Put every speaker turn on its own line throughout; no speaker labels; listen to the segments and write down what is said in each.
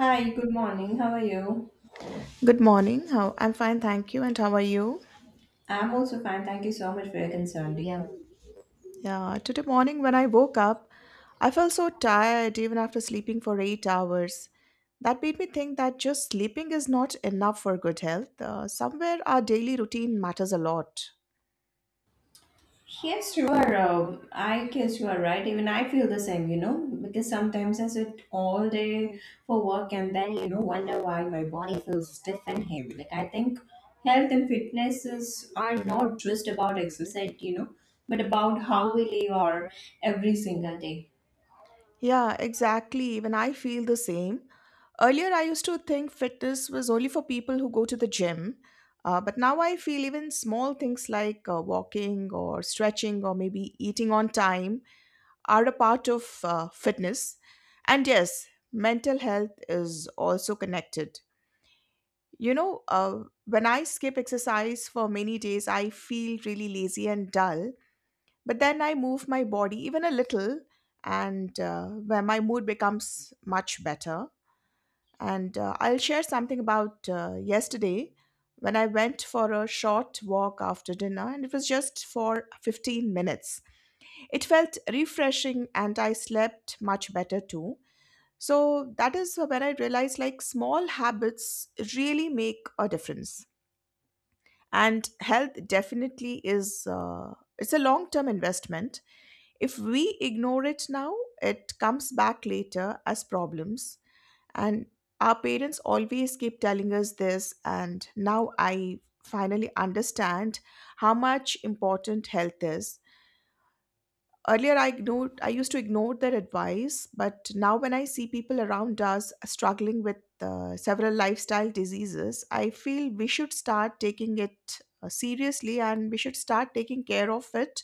Hi, good morning. How are you?
Good morning. How I'm fine, thank you. And how are you?
I'm also fine. Thank you so much for your concern. Yeah.
Yeah, today morning when I woke up, I felt so tired even after sleeping for 8 hours. That made me think that just sleeping is not enough for good health. Somewhere our daily routine matters a lot.
Yes, you are. I guess you are right. Even I feel the same, because sometimes I sit all day for work and then wonder why my body feels stiff and heavy. Like, I think health and fitness is, are not just about exercise, but about how we live our every single day.
Yeah, exactly. Even I feel the same. Earlier, I used to think fitness was only for people who go to the gym. But now I feel even small things like walking or stretching or maybe eating on time are a part of fitness. And yes, mental health is also connected. When I skip exercise for many days, I feel really lazy and dull. But then I move my body even a little, and where my mood becomes much better. And I'll share something about yesterday when I went for a short walk after dinner, and it was just for 15 minutes. It felt refreshing and I slept much better too. So that is when I realized like small habits really make a difference. And health definitely is it's a long-term investment. If we ignore it now, it comes back later as problems. And our parents always keep telling us this and now I finally understand how much important health is. Earlier, I used to ignore their advice, but now when I see people around us struggling with several lifestyle diseases, I feel we should start taking it seriously and we should start taking care of it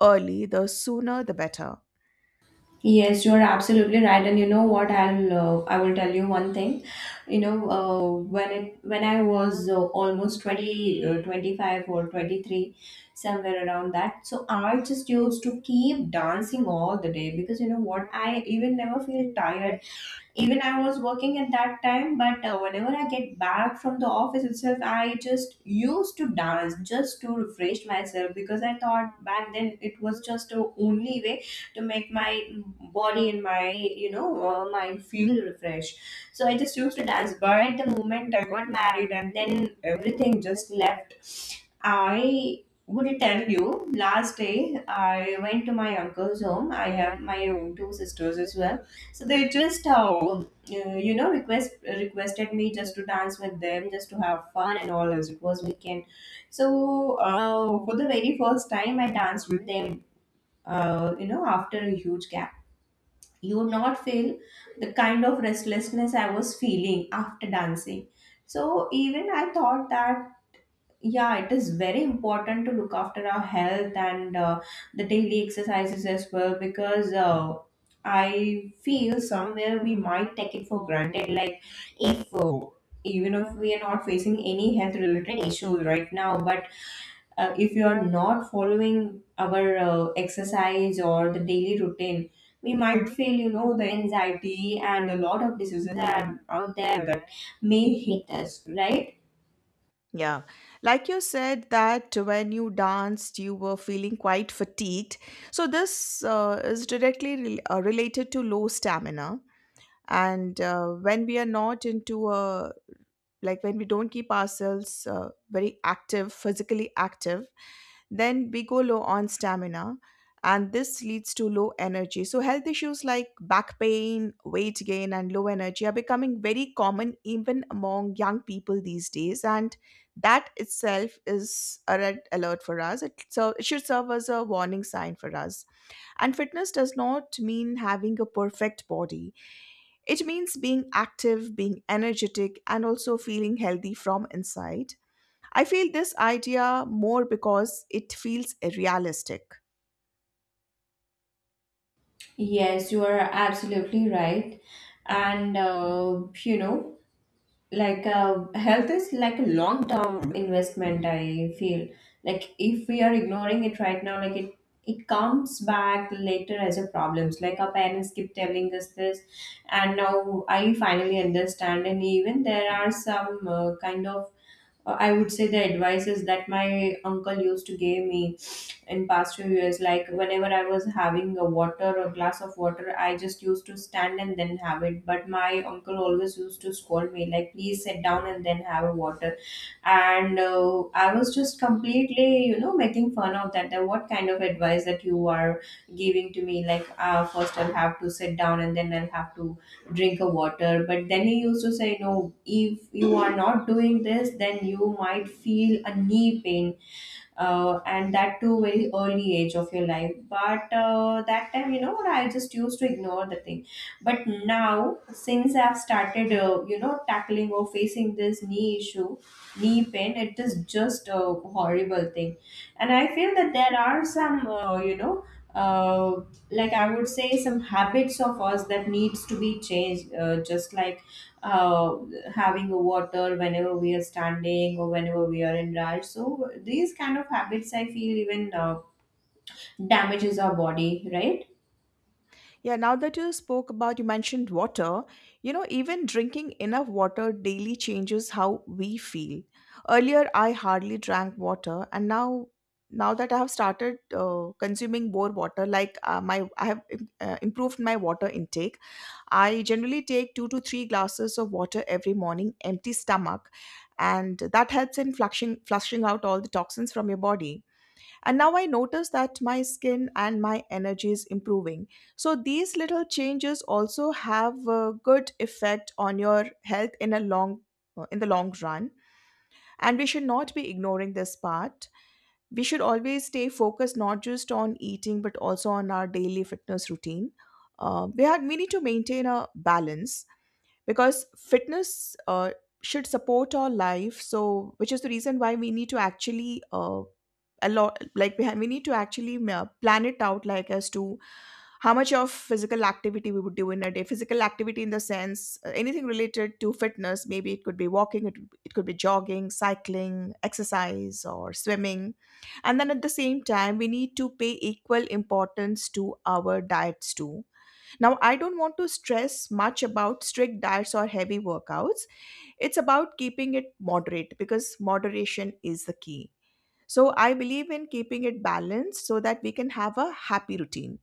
early. The sooner, the better.
Yes, you're absolutely right. And you know what? I will tell you one thing. You know, when I was almost 20, 25 or 23, somewhere around that. So I just used to keep dancing all the day, because you know what? I even never feel tired. Even I was working at that time, but whenever I get back from the office itself, I just used to dance just to refresh myself, because I thought back then it was just the only way to make my body and my mind feel refreshed. So I just used to dance, but the moment I got married, and then everything just left. I would tell you, last day I went to my uncle's home. I have my own two sisters as well. So they just, requested me just to dance with them, just to have fun and all, as it was weekend. So for the very first time, I danced with them. After a huge gap, you would not feel the kind of restlessness I was feeling after dancing. So even I thought that yeah, it is very important to look after our health and the daily exercises as well, because I feel somewhere we might take it for granted. Like, if even if we are not facing any health related issues right now, but if you are not following our exercise or the daily routine, we might feel the anxiety and a lot of diseases that are out there that may hit us, right?
Yeah. Like you said, that when you danced, you were feeling quite fatigued. So, this is directly related to low stamina. And when we are not into a like when we don't keep ourselves very active physically active, then we go low on stamina, and this leads to low energy. So health issues like back pain, weight gain and low energy are becoming very common even among young people these days, and that itself is a red alert for us, so it should serve as a warning sign for us. And fitness does not mean having a perfect body. It means being active, being energetic, and also feeling healthy from inside. I feel this idea more because it feels realistic.
Yes, you are absolutely right. And like health is like a long-term investment, I feel. Like, if we are ignoring it right now, like it comes back later as a problems. Like our parents keep telling us this, and now I finally understand. And even there are some kind of I would say the advices that my uncle used to give me in past few years, like whenever I was having a water or glass of water, I just used to stand and then have it. But my uncle always used to scold me, like, please sit down and then have a water. And I was just completely making fun of that, what kind of advice that you are giving to me, like first I'll have to sit down and then I'll have to drink a water. But then he used to say, no, if you are not doing this, then you might feel a knee pain, and that too very early age of your life. But that time, I just used to ignore the thing. But now, since I've started tackling or facing this knee issue, knee pain, it is just a horrible thing. And I feel that there are some uh, like I would say some habits of us that needs to be changed, just like uh, having a water whenever we are standing or whenever we are in rush. So these kind of habits, I feel, even damages our body, right?
Yeah, now that you mentioned water, you know, even drinking enough water daily changes how we feel. Earlier, I hardly drank water, and now that I have started consuming more water, I have improved my water intake. I generally take two to three glasses of water every morning, empty stomach, and that helps in flushing out all the toxins from your body. And now I notice that my skin and my energy is improving. So these little changes also have a good effect on your health in the long run. And we should not be ignoring this part. We should always stay focused not just on eating but also on our daily fitness routine. We need to maintain a balance because fitness should support our life, so which is the reason why we need to actually a lot like we, ha- we need to actually plan it out, like as to how much of physical activity we would do in a day. Physical activity in the sense, anything related to fitness, maybe it could be walking, it could be jogging, cycling, exercise or swimming. And then at the same time we need to pay equal importance to our diets too. Now, I don't want to stress much about strict diets or heavy workouts. It's about keeping it moderate because moderation is the key. So, I believe in keeping it balanced so that we can have a happy routine.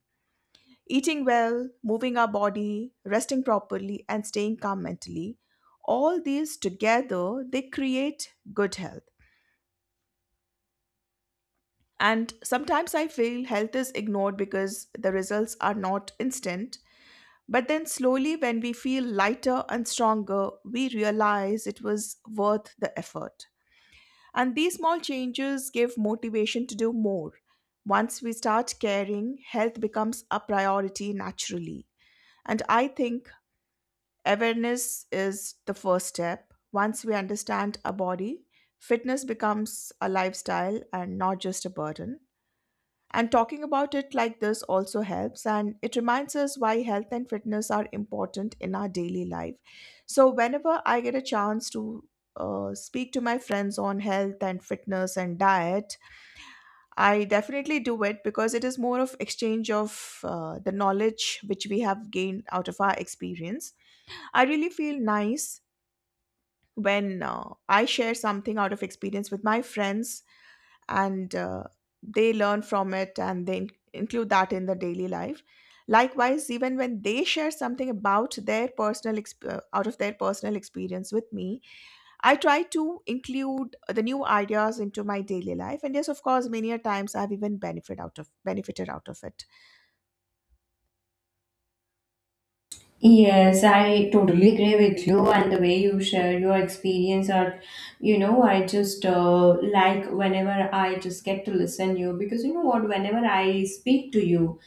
Eating well, moving our body, resting properly, and staying calm mentally, all these together, they create good health. And sometimes I feel health is ignored because the results are not instant. But then, slowly, when we feel lighter and stronger, we realize it was worth the effort. And these small changes give motivation to do more. Once we start caring, health becomes a priority naturally. And I think awareness is the first step. Once we understand our body, fitness becomes a lifestyle and not just a burden. And talking about it like this also helps, and it reminds us why health and fitness are important in our daily life. So, whenever I get a chance to speak to my friends on health and fitness and diet, I definitely do it because it is more of exchange of the knowledge which we have gained out of our experience. I really feel nice when I share something out of experience with my friends, and they learn from it and they include that in their daily life. Likewise, even when they share something about their out of their personal experience with me, I try to include the new ideas into my daily life. And yes, of course, many a times I've even benefit out of benefited out of it.
Yes, I totally agree with you. And the way you share your experience, or, I just like whenever I just get to listen you, because you know what, whenever I speak to you,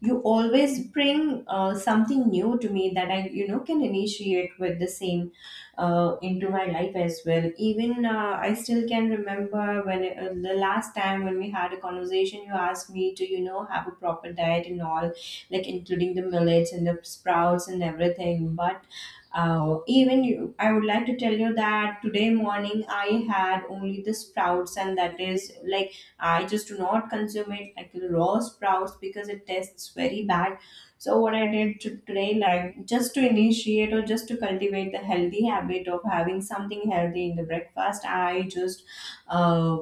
you always bring something new to me that I can initiate with the same into my life as well. Even I still can remember the last time when we had a conversation, you asked me to have a proper diet and all, like including the millets and the sprouts and everything. But even you, I would like to tell you that today morning I had only the sprouts, and that is like I just do not consume it like raw sprouts because it tastes very bad. So what I did to today, like, just to initiate or just to cultivate the healthy habit of having something healthy in the breakfast, I just uh,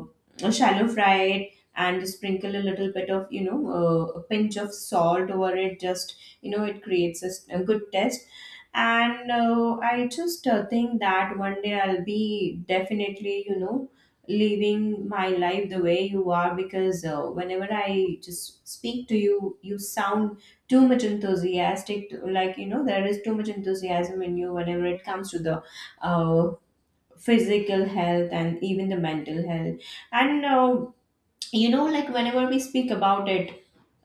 shallow fry it and sprinkle a little bit of a pinch of salt over it. Just, it creates a good taste. And I just think that one day I'll be definitely living my life the way you are, because whenever I just speak to you, you sound too much enthusiastic, to, like, there is too much enthusiasm in you whenever it comes to the uh, physical health and even the mental health. And like whenever we speak about it,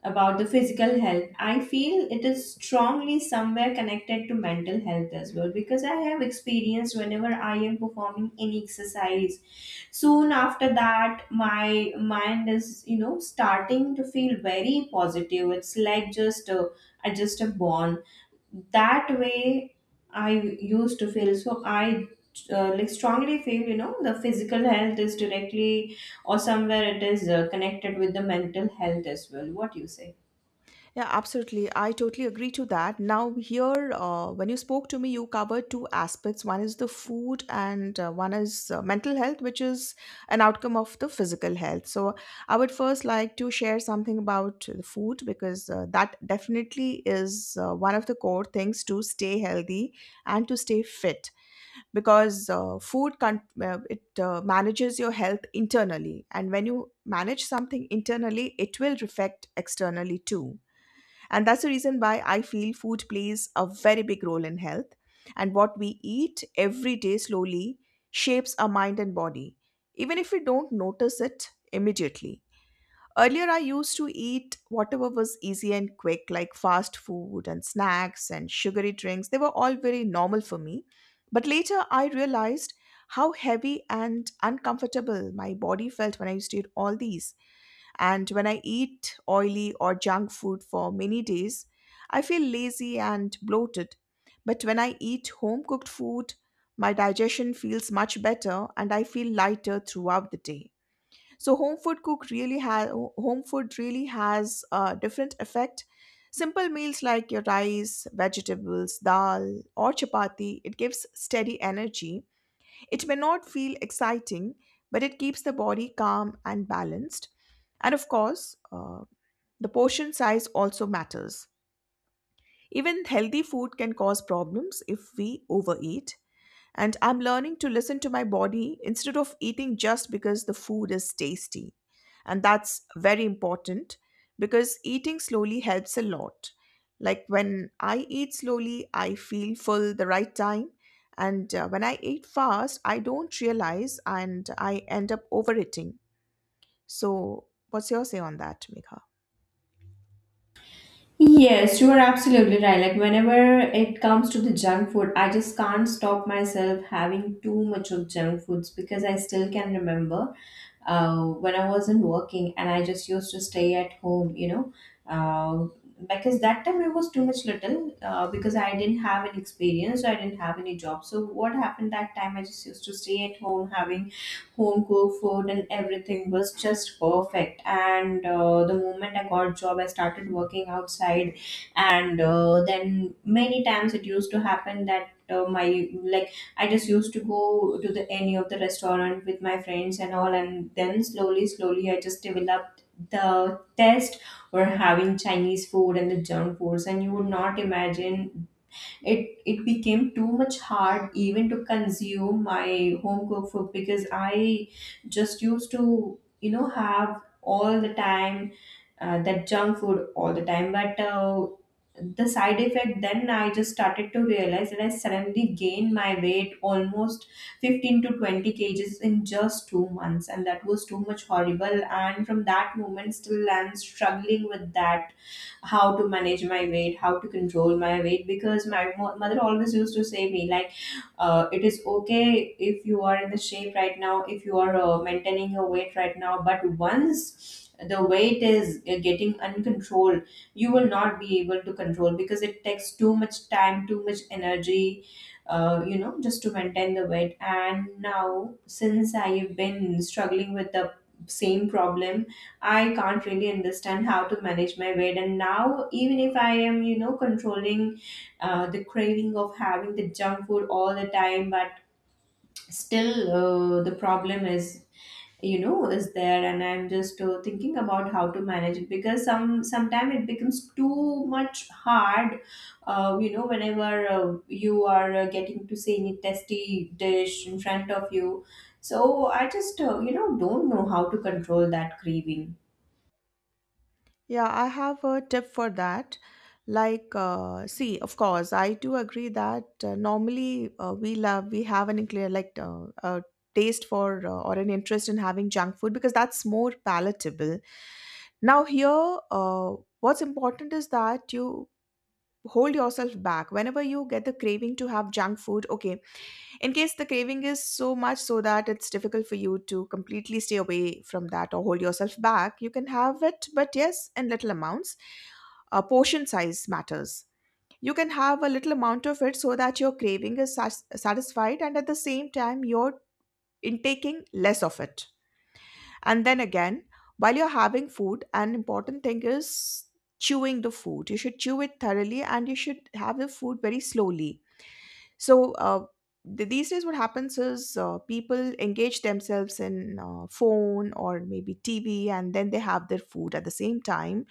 about the physical health, I feel it is strongly somewhere connected to mental health as well, because I have experienced, whenever I am performing any exercise, soon after that my mind is starting to feel very positive. It's like, just I just a born that way, I used to feel. So I like strongly feel the physical health is directly or somewhere it is connected with the mental health as well. What do you say?
Yeah, absolutely. I totally agree to that. Now, here, when you spoke to me, you covered two aspects. One is the food, and one is mental health, which is an outcome of the physical health. So, I would first like to share something about the food because that definitely is one of the core things to stay healthy and to stay fit. Because food con- it manages your health internally, and when you manage something internally, it will reflect externally too, and that's the reason why I feel food plays a very big role in health. And what we eat every day slowly shapes our mind and body, even if we don't notice it immediately. Earlier, I used to eat whatever was easy and quick, like fast food and snacks and sugary drinks. They were all very normal for me. But later, I realized how heavy and uncomfortable my body felt when I used to eat all these, and when I eat oily or junk food for many days, I feel lazy and bloated. But when I eat home cooked food, my digestion feels much better and I feel lighter throughout the day. So home food really has a different effect. Simple meals like your rice, vegetables, dal, or chapati, it gives steady energy. It may not feel exciting, but it keeps the body calm and balanced. And of course, the portion size also matters. Even healthy food can cause problems if we overeat. And I'm learning to listen to my body instead of eating just because the food is tasty. And that's very important because eating slowly helps a lot. Like when I eat slowly, I feel full the right time. And when I eat fast, I don't realize and I end up overeating. So, what's your say on that, Megha?
Yes, you are absolutely right. Like, whenever it comes to the junk food, I just can't stop myself having too much of junk foods, because I still can remember, when I wasn't working and I just used to stay at home, uh, because that time I was too much little, because I didn't have any experience, I didn't have any job. So what happened that time? I just used to stay at home having home cooked food and everything was just perfect. And the moment I got job, I started working outside, and then many times it used to happen that. My like I just used to go to the any of the restaurant with my friends and all, and then slowly, slowly, I just developed the taste for having Chinese food and the junk foods, and you would not imagine it. It became too much hard even to consume my home cooked food, because I just used to, have all the time that junk food all the time. But the side effect, then I just started to realize that I suddenly gained my weight almost 15 to 20 kgs in just 2 months, and that was too much horrible. And from that moment, still I'm struggling with that, how to manage my weight, how to control my weight, because my mother always used to say me like, it is okay if you are in the shape right now, if you are maintaining your weight right now. But once the weight is getting uncontrolled, you will not be able to control, because it takes too much time, too much energy, just to maintain the weight. And now, since I've been struggling with the same problem, I can't really understand how to manage my weight. And now, even if I am controlling the craving of having the junk food all the time, but still, the problem is you know is there, and I'm just thinking about how to manage it, because sometimes it becomes too much hard, whenever you are getting to see any tasty dish in front of you. So I just don't know how to control that craving.
Yeah, I have a tip for that. Like, see, of course, I do agree that normally we have an clear a taste for or an interest in having junk food because that's more palatable. Now, here, what's important is that you hold yourself back whenever you get the craving to have junk food. Okay, in case the craving is so much so that it's difficult for you to completely stay away from that or hold yourself back, you can have it but yes in little amounts. Portion size matters. You can have a little amount of it so that your craving is satisfied and at the same time you're intaking less of it. And then again, while you're having food, an important thing is chewing the food. You should chew it thoroughly and you should have the food very slowly. So these days, what happens is, people engage themselves in phone or maybe TV, and then they have their food at the same time.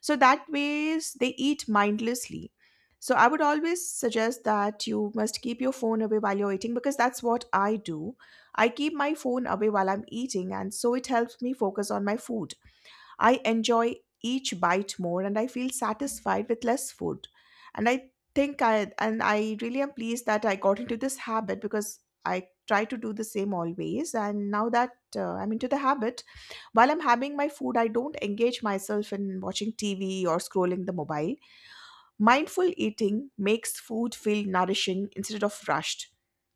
So that ways they eat mindlessly. So I would always suggest that you must keep your phone away while you're eating because that's what I do. I keep my phone away while I'm eating, and so it helps me focus on my food. I enjoy each bite more and I feel satisfied with less food. And I think I really am pleased that I got into this habit because I try to do the same always, and now that I'm into the habit, while I'm having my food I don't engage myself in watching TV or scrolling the mobile. Mindful eating makes food feel nourishing instead of rushed,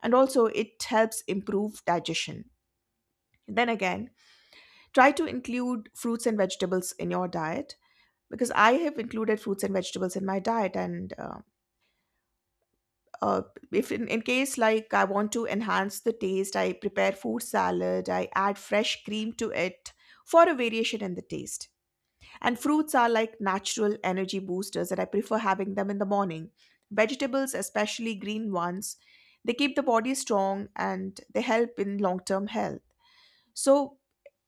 and also it helps improve digestion. Then again, try to include fruits and vegetables in your diet because I have included fruits and vegetables in my diet. And uh, if in case like I want to enhance the taste, I prepare food salad, I add fresh cream to it for a variation in the taste. And fruits are like natural energy boosters and I prefer having them in the morning. Vegetables, especially green ones, they keep the body strong and they help in long term health. So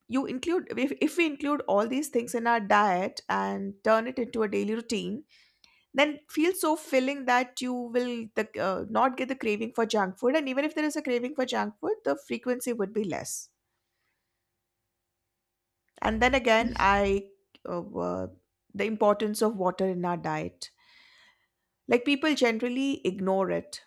you include if we include all these things in our diet and turn it into a daily routine then feels so filling that you will not get the craving for junk food, and even if there is a craving for junk food the frequency would be less. And then again I uh, uh, the importance of water in our diet, like people generally ignore it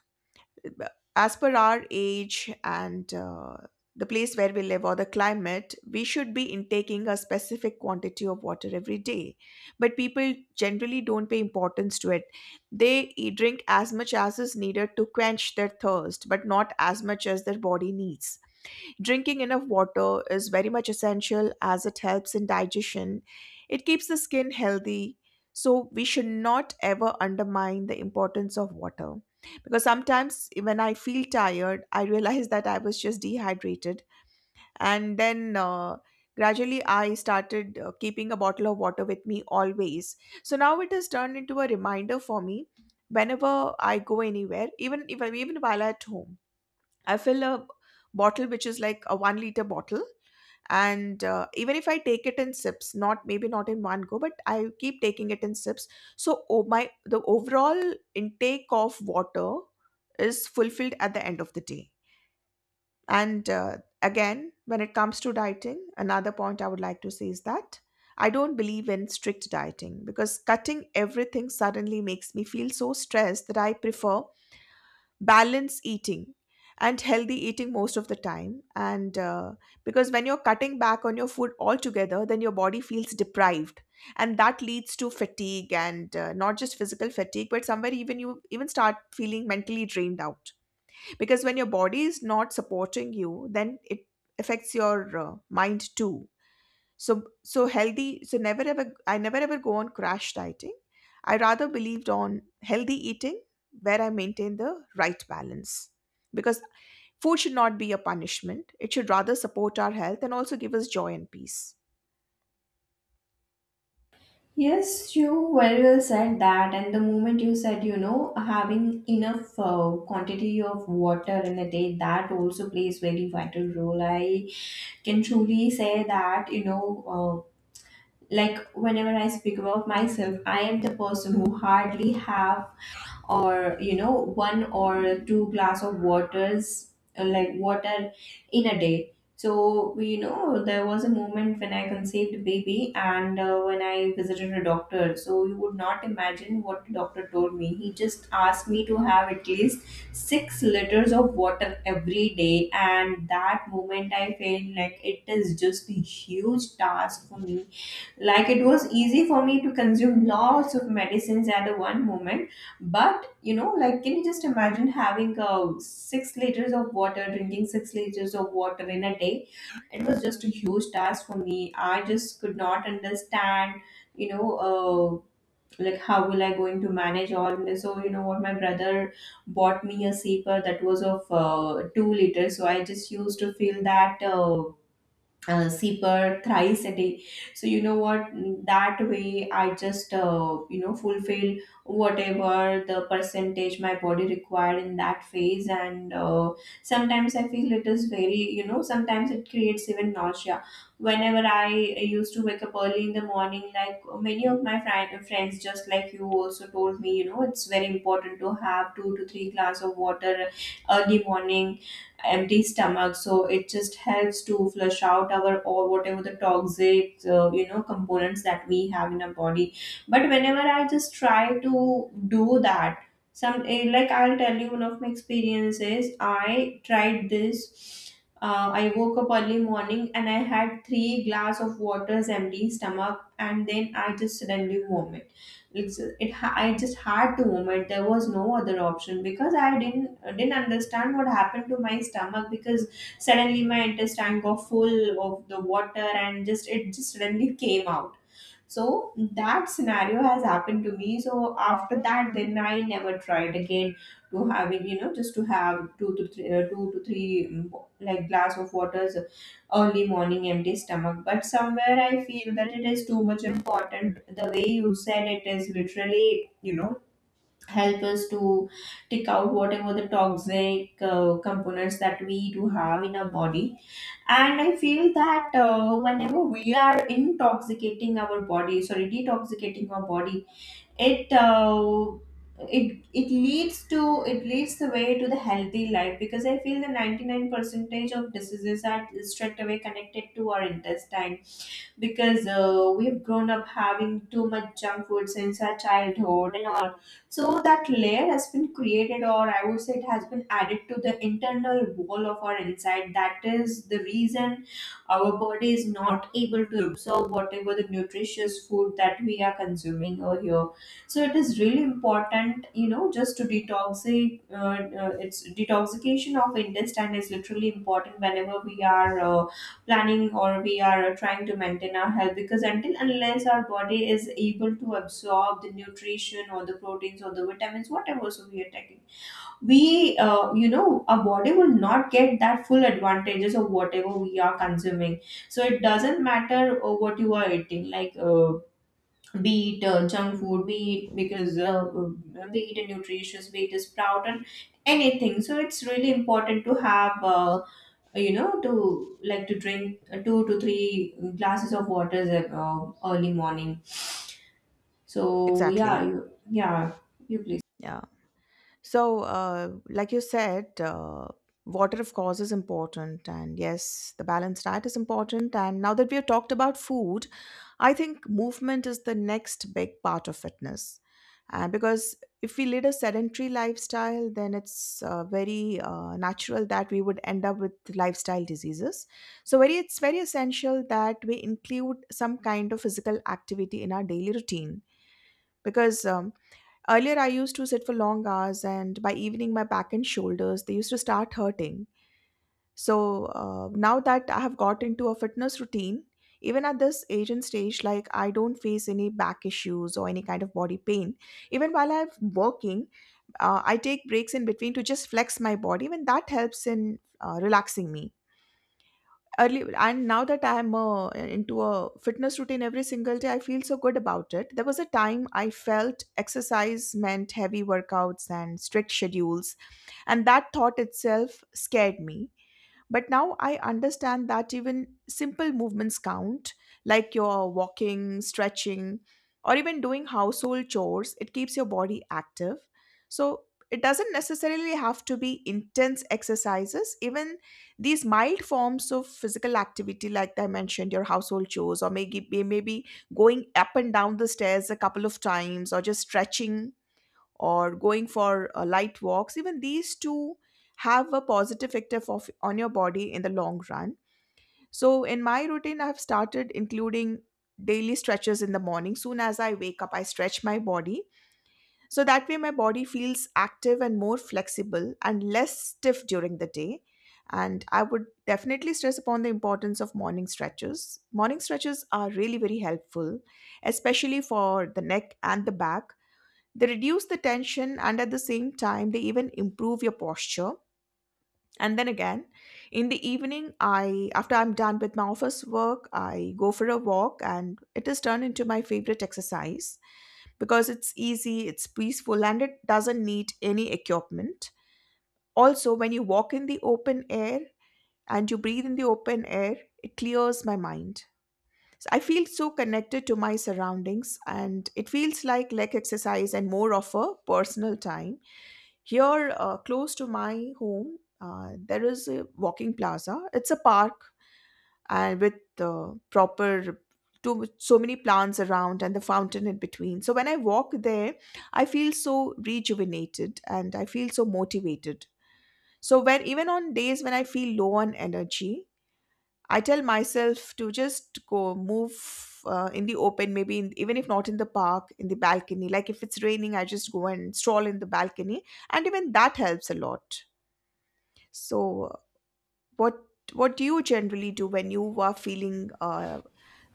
as per our age and the place where we live or the climate. We should be intaking a specific quantity of water every day. But people generally don't pay importance to it. They drink as much as is needed to quench their thirst, but not as much as their body needs. Drinking enough water is very much essential as it helps in digestion. It keeps the skin healthy. So, we should not ever undermine the importance of water. Because sometimes when I feel tired, I realize that I was just dehydrated. And then Gradually I started keeping a bottle of water with me always. So, now it has turned into a reminder for me whenever I go anywhere, even if even while at home. I fill a bottle which is like a 1 liter bottle. And even if I take it in sips, not maybe not in one go, but I keep taking it in sips. So oh, my the overall intake of water is fulfilled at the end of the day. And Again, when it comes to dieting, another point I would like to say is that I don't believe in strict dieting because cutting everything suddenly makes me feel so stressed that I prefer balance eating and healthy eating most of the time. And Because when you're cutting back on your food altogether then your body feels deprived and that leads to fatigue, and not just physical fatigue but somewhere even you even start feeling mentally drained out. Because when your body is not supporting you then it affects your mind too. So so healthy so never ever i never ever go on crash dieting. I rather believed on healthy eating where I maintain the right balance, because food should not be a punishment, it should rather support our health and also give us joy and peace.
Yes, you very well said that. And the moment you said, having enough quantity of water in a day, that also plays very vital role. I can truly say that, uh, like whenever I speak about myself, I am the person who hardly have or one or two glass of waters, like water in a day. So you know, there was a moment when I conceived a baby and when I visited a doctor. So you would not imagine what the doctor told me. He just asked me to have at least 6 liters of water every day, and that moment I felt like it is just a huge task for me. Like, it was easy for me to consume lots of medicines at the one moment, but you know, like, can you just imagine having, 6 liters of water, drinking 6 liters of water in a day? It was just a huge task for me. I just could not understand, you know, like how will I going to manage all this. So you know what, my brother bought me a sipa that was of, 2 liters, so I just used to fill that zipper thrice a day. So you know what, that way I just, you know, fulfill whatever the percentage my body required in that phase. And sometimes I feel it is very, you know, sometimes it creates even nausea whenever I used to wake up early in the morning. Like, many of my friends, just like you, also told me, you know, it's very important to have two to three glass of water early morning empty stomach, so it just helps to flush out our, or whatever the toxic, you know, components that we have in our body. But whenever I just try to do that, like, I'll tell you, one of my experiences, I tried this. I woke up early morning and I had three glass of waters empty stomach, and then I just suddenly vomit. I just had to vomit. There was no other option, because I didn't understand what happened to my stomach, because suddenly my intestine got full of the water and just it just suddenly came out. So that scenario has happened to me. So after that, then I never tried again to having, you know, just to have two to three, two to three, like, glass of waters, early morning empty stomach. But somewhere I feel that it is too much important. The way you said, it is literally, you know, help us to take out whatever the toxic, components that we do have in our body. And I feel that, whenever we are intoxicating our body, sorry, detoxicating our body, it uh, it leads to, it leads the way to the healthy life, because I feel the 99 percentage of diseases are straight away connected to our intestine, because we've grown up having too much junk food since our childhood and all. So that layer has been created, or I would say it has been added to the internal wall of our inside. That is the reason our body is not able to absorb whatever the nutritious food that we are consuming over here. So it is really important, you know, just to detoxic. It's detoxication of intestine is literally important whenever we are. Planning or we are trying to maintain our health, because until unless our body is able to absorb the nutrition or the proteins or the vitamins, whatever, so we are taking, we, you know, our body will not get that full advantages of whatever we are consuming. So it doesn't matter, what you are eating, like, be it, junk food, be it, because be it a nutritious, be it a sprout, and anything. So it's really important to have, you know, to, like, to drink, two to three glasses of waters, early morning. So yeah,
Exactly.
yeah, you please.
Yeah. So like you said, water of course is important and yes the balanced diet is important, and now that we have talked about food I think movement is the next big part of fitness. Because if we lead a sedentary lifestyle, then it's very natural that we would end up with lifestyle diseases. So, very it's very essential that we include some kind of physical activity in our daily routine. Because earlier I used to sit for long hours, and by evening my back and shoulders they used to start hurting. So now that I have got into a fitness routine, even at this age and stage, like I don't face any back issues or any kind of body pain. Even while I'm working, I take breaks in between to just flex my body, and that helps in relaxing me. Early and now that I'm into a fitness routine every single day, I feel so good about it. There was a time I felt exercise meant heavy workouts and strict schedules, and that thought itself scared me, but now I understand that even simple movements count, like your walking, stretching, or even doing household chores. It keeps your body active. So it doesn't necessarily have to be intense exercises. Even these mild forms of physical activity, like I mentioned, your household chores, or maybe going up and down the stairs a couple of times, or just stretching or going for light walks, even these two have a positive effect of, on your body in the long run. So in my routine I've started including daily stretches in the morning. Soon as I wake up I stretch my body, so that way my body feels active and more flexible and less stiff during the day. And I would definitely stress upon the importance of morning stretches. Morning stretches are really very helpful, especially for the neck and the back. They reduce the tension and at the same time they even improve your posture. And then again, in the evening, I after I'm done with my office work, I go for a walk and it has turned into my favorite exercise because it's easy, it's peaceful and it doesn't need any equipment. Also, when you walk in the open air and you breathe in the open air, it clears my mind. So I feel so connected to my surroundings and it feels like leg exercise and more of a personal time. Here, close to my home, there is a walking plaza. It's a park and with proper too, so many plants around and the fountain in between. So when I walk there, I feel so rejuvenated and I feel so motivated. So when even on days when I feel low on energy, I tell myself to just go move in the open, maybe in, even if not in the park, in the balcony. Like if it's raining, I just go and stroll in the balcony, and even that helps a lot. So, what what do you generally do when you are feeling uh,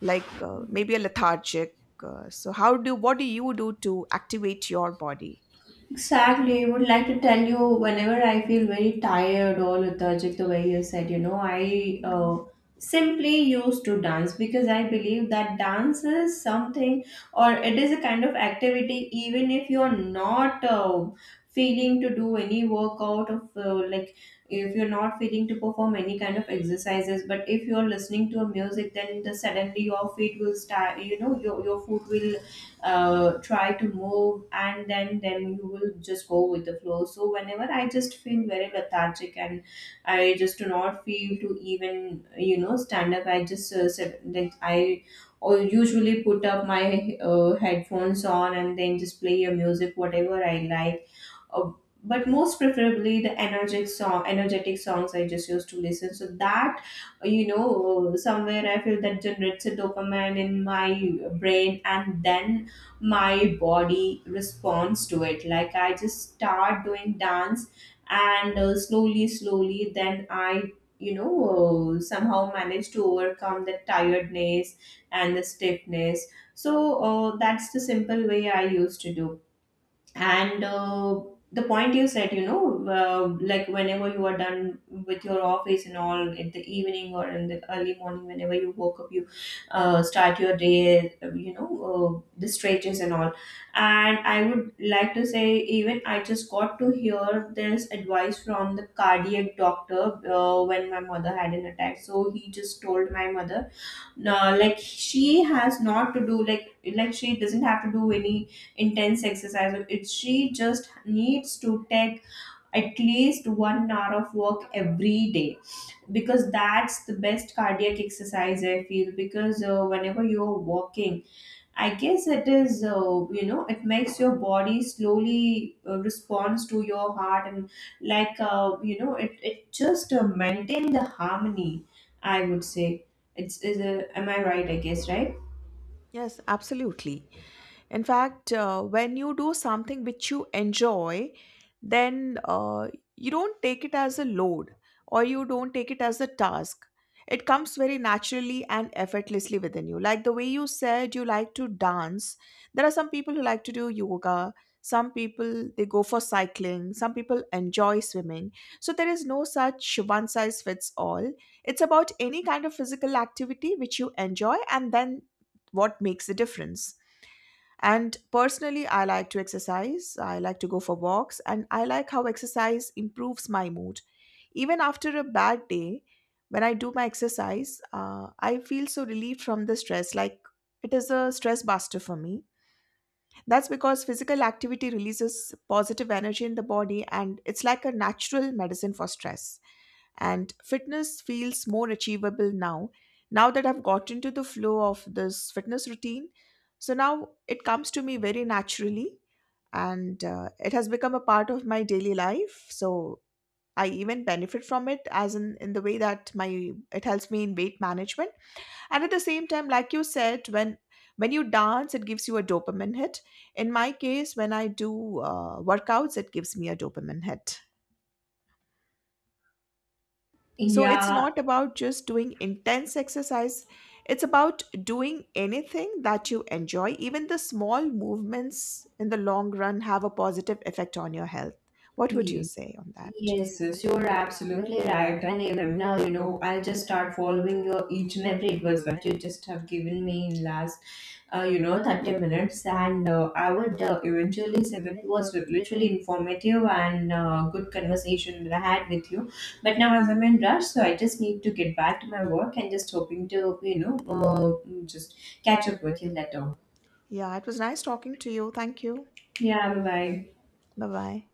like uh, maybe a lethargic? So, how do what do you do to activate your body?
Exactly. I would like to tell you, whenever I feel very tired or lethargic, the way you said, you know, I, simply used to dance, because I believe that dance is something, or it is a kind of activity. Even if you're not, feeling to do any workout of, like, if you're not feeling to perform any kind of exercises, but if you're listening to a music, then the suddenly your feet will start, you know, your foot will, try to move, and then you will just go with the flow. So whenever I just feel very lethargic and I just do not feel to even, you know, stand up, I just, sit, like, I, or usually put up my, headphones on, and then just play a music whatever I like. uh, but most preferably the energetic song, energetic songs I just used to listen, so that, you know, somewhere I feel that generates a dopamine in my brain, and then my body responds to it. Like, I just start doing dance, and slowly slowly then I, you know, somehow manage to overcome the tiredness and the stiffness. So that's the simple way I used to do. And the point you said, you know, like, whenever you are done with your office and all in the evening, or in the early morning whenever you woke up, you, start your day, you know, the stretches and all. And I would like to say, even I just got to hear this advice from the cardiac doctor, when my mother had an attack. So he just told my mother, no, like, she has not to do, like she doesn't have to do any intense exercise. It's, she just needs to take at least 1 hour of work every day, because that's the best cardiac exercise, I feel. Because whenever you're walking, I guess it is, you know, it makes your body slowly, responds to your heart, and, like, you know, it just, maintain the harmony, I would say. It's, is a, am I right? I guess, right?
Yes, absolutely. In fact, when you do something which you enjoy, then you don't take it as a load or you don't take it as a task. It comes very naturally and effortlessly within you. Like the way you said you like to dance, there are some people who like to do yoga, some people they go for cycling, some people enjoy swimming. So there is no such one size fits all. It's about any kind of physical activity which you enjoy, and then what makes the difference. And personally, I like to exercise, I like to go for walks, and I like how exercise improves my mood. Even after a bad day, when I do my exercise, I feel so relieved from the stress. Like it is a stress buster for me. That's because physical activity releases positive energy in the body and it's like a natural medicine for stress. And fitness feels more achievable now, now that I've gotten to the flow of this fitness routine, so now it comes to me very naturally. And it has become a part of my daily life, so I even benefit from it as in the way that my it helps me in weight management. And at the same time, like you said, when you dance it gives you a dopamine hit, in my case when I do workouts it gives me a dopamine hit. So it's
Yeah.
not about just doing intense exercise, it's about doing anything that you enjoy. Even the small movements in the long run have a positive effect on your health. What would you
Yeah.
say on that?
Yes, yes, you are absolutely right. And even now, you know, I'll just start following your each and every advice that you just have given me in last, you know, 30 minutes. And I would, eventually say that it was literally informative and, good conversation that I had with you. But now, as I'm in rush, so I just need to get back to my work, and just hoping to, you know, just catch up with you later.
Yeah, it was nice talking to you. Thank you.
Yeah, bye bye.
Bye bye.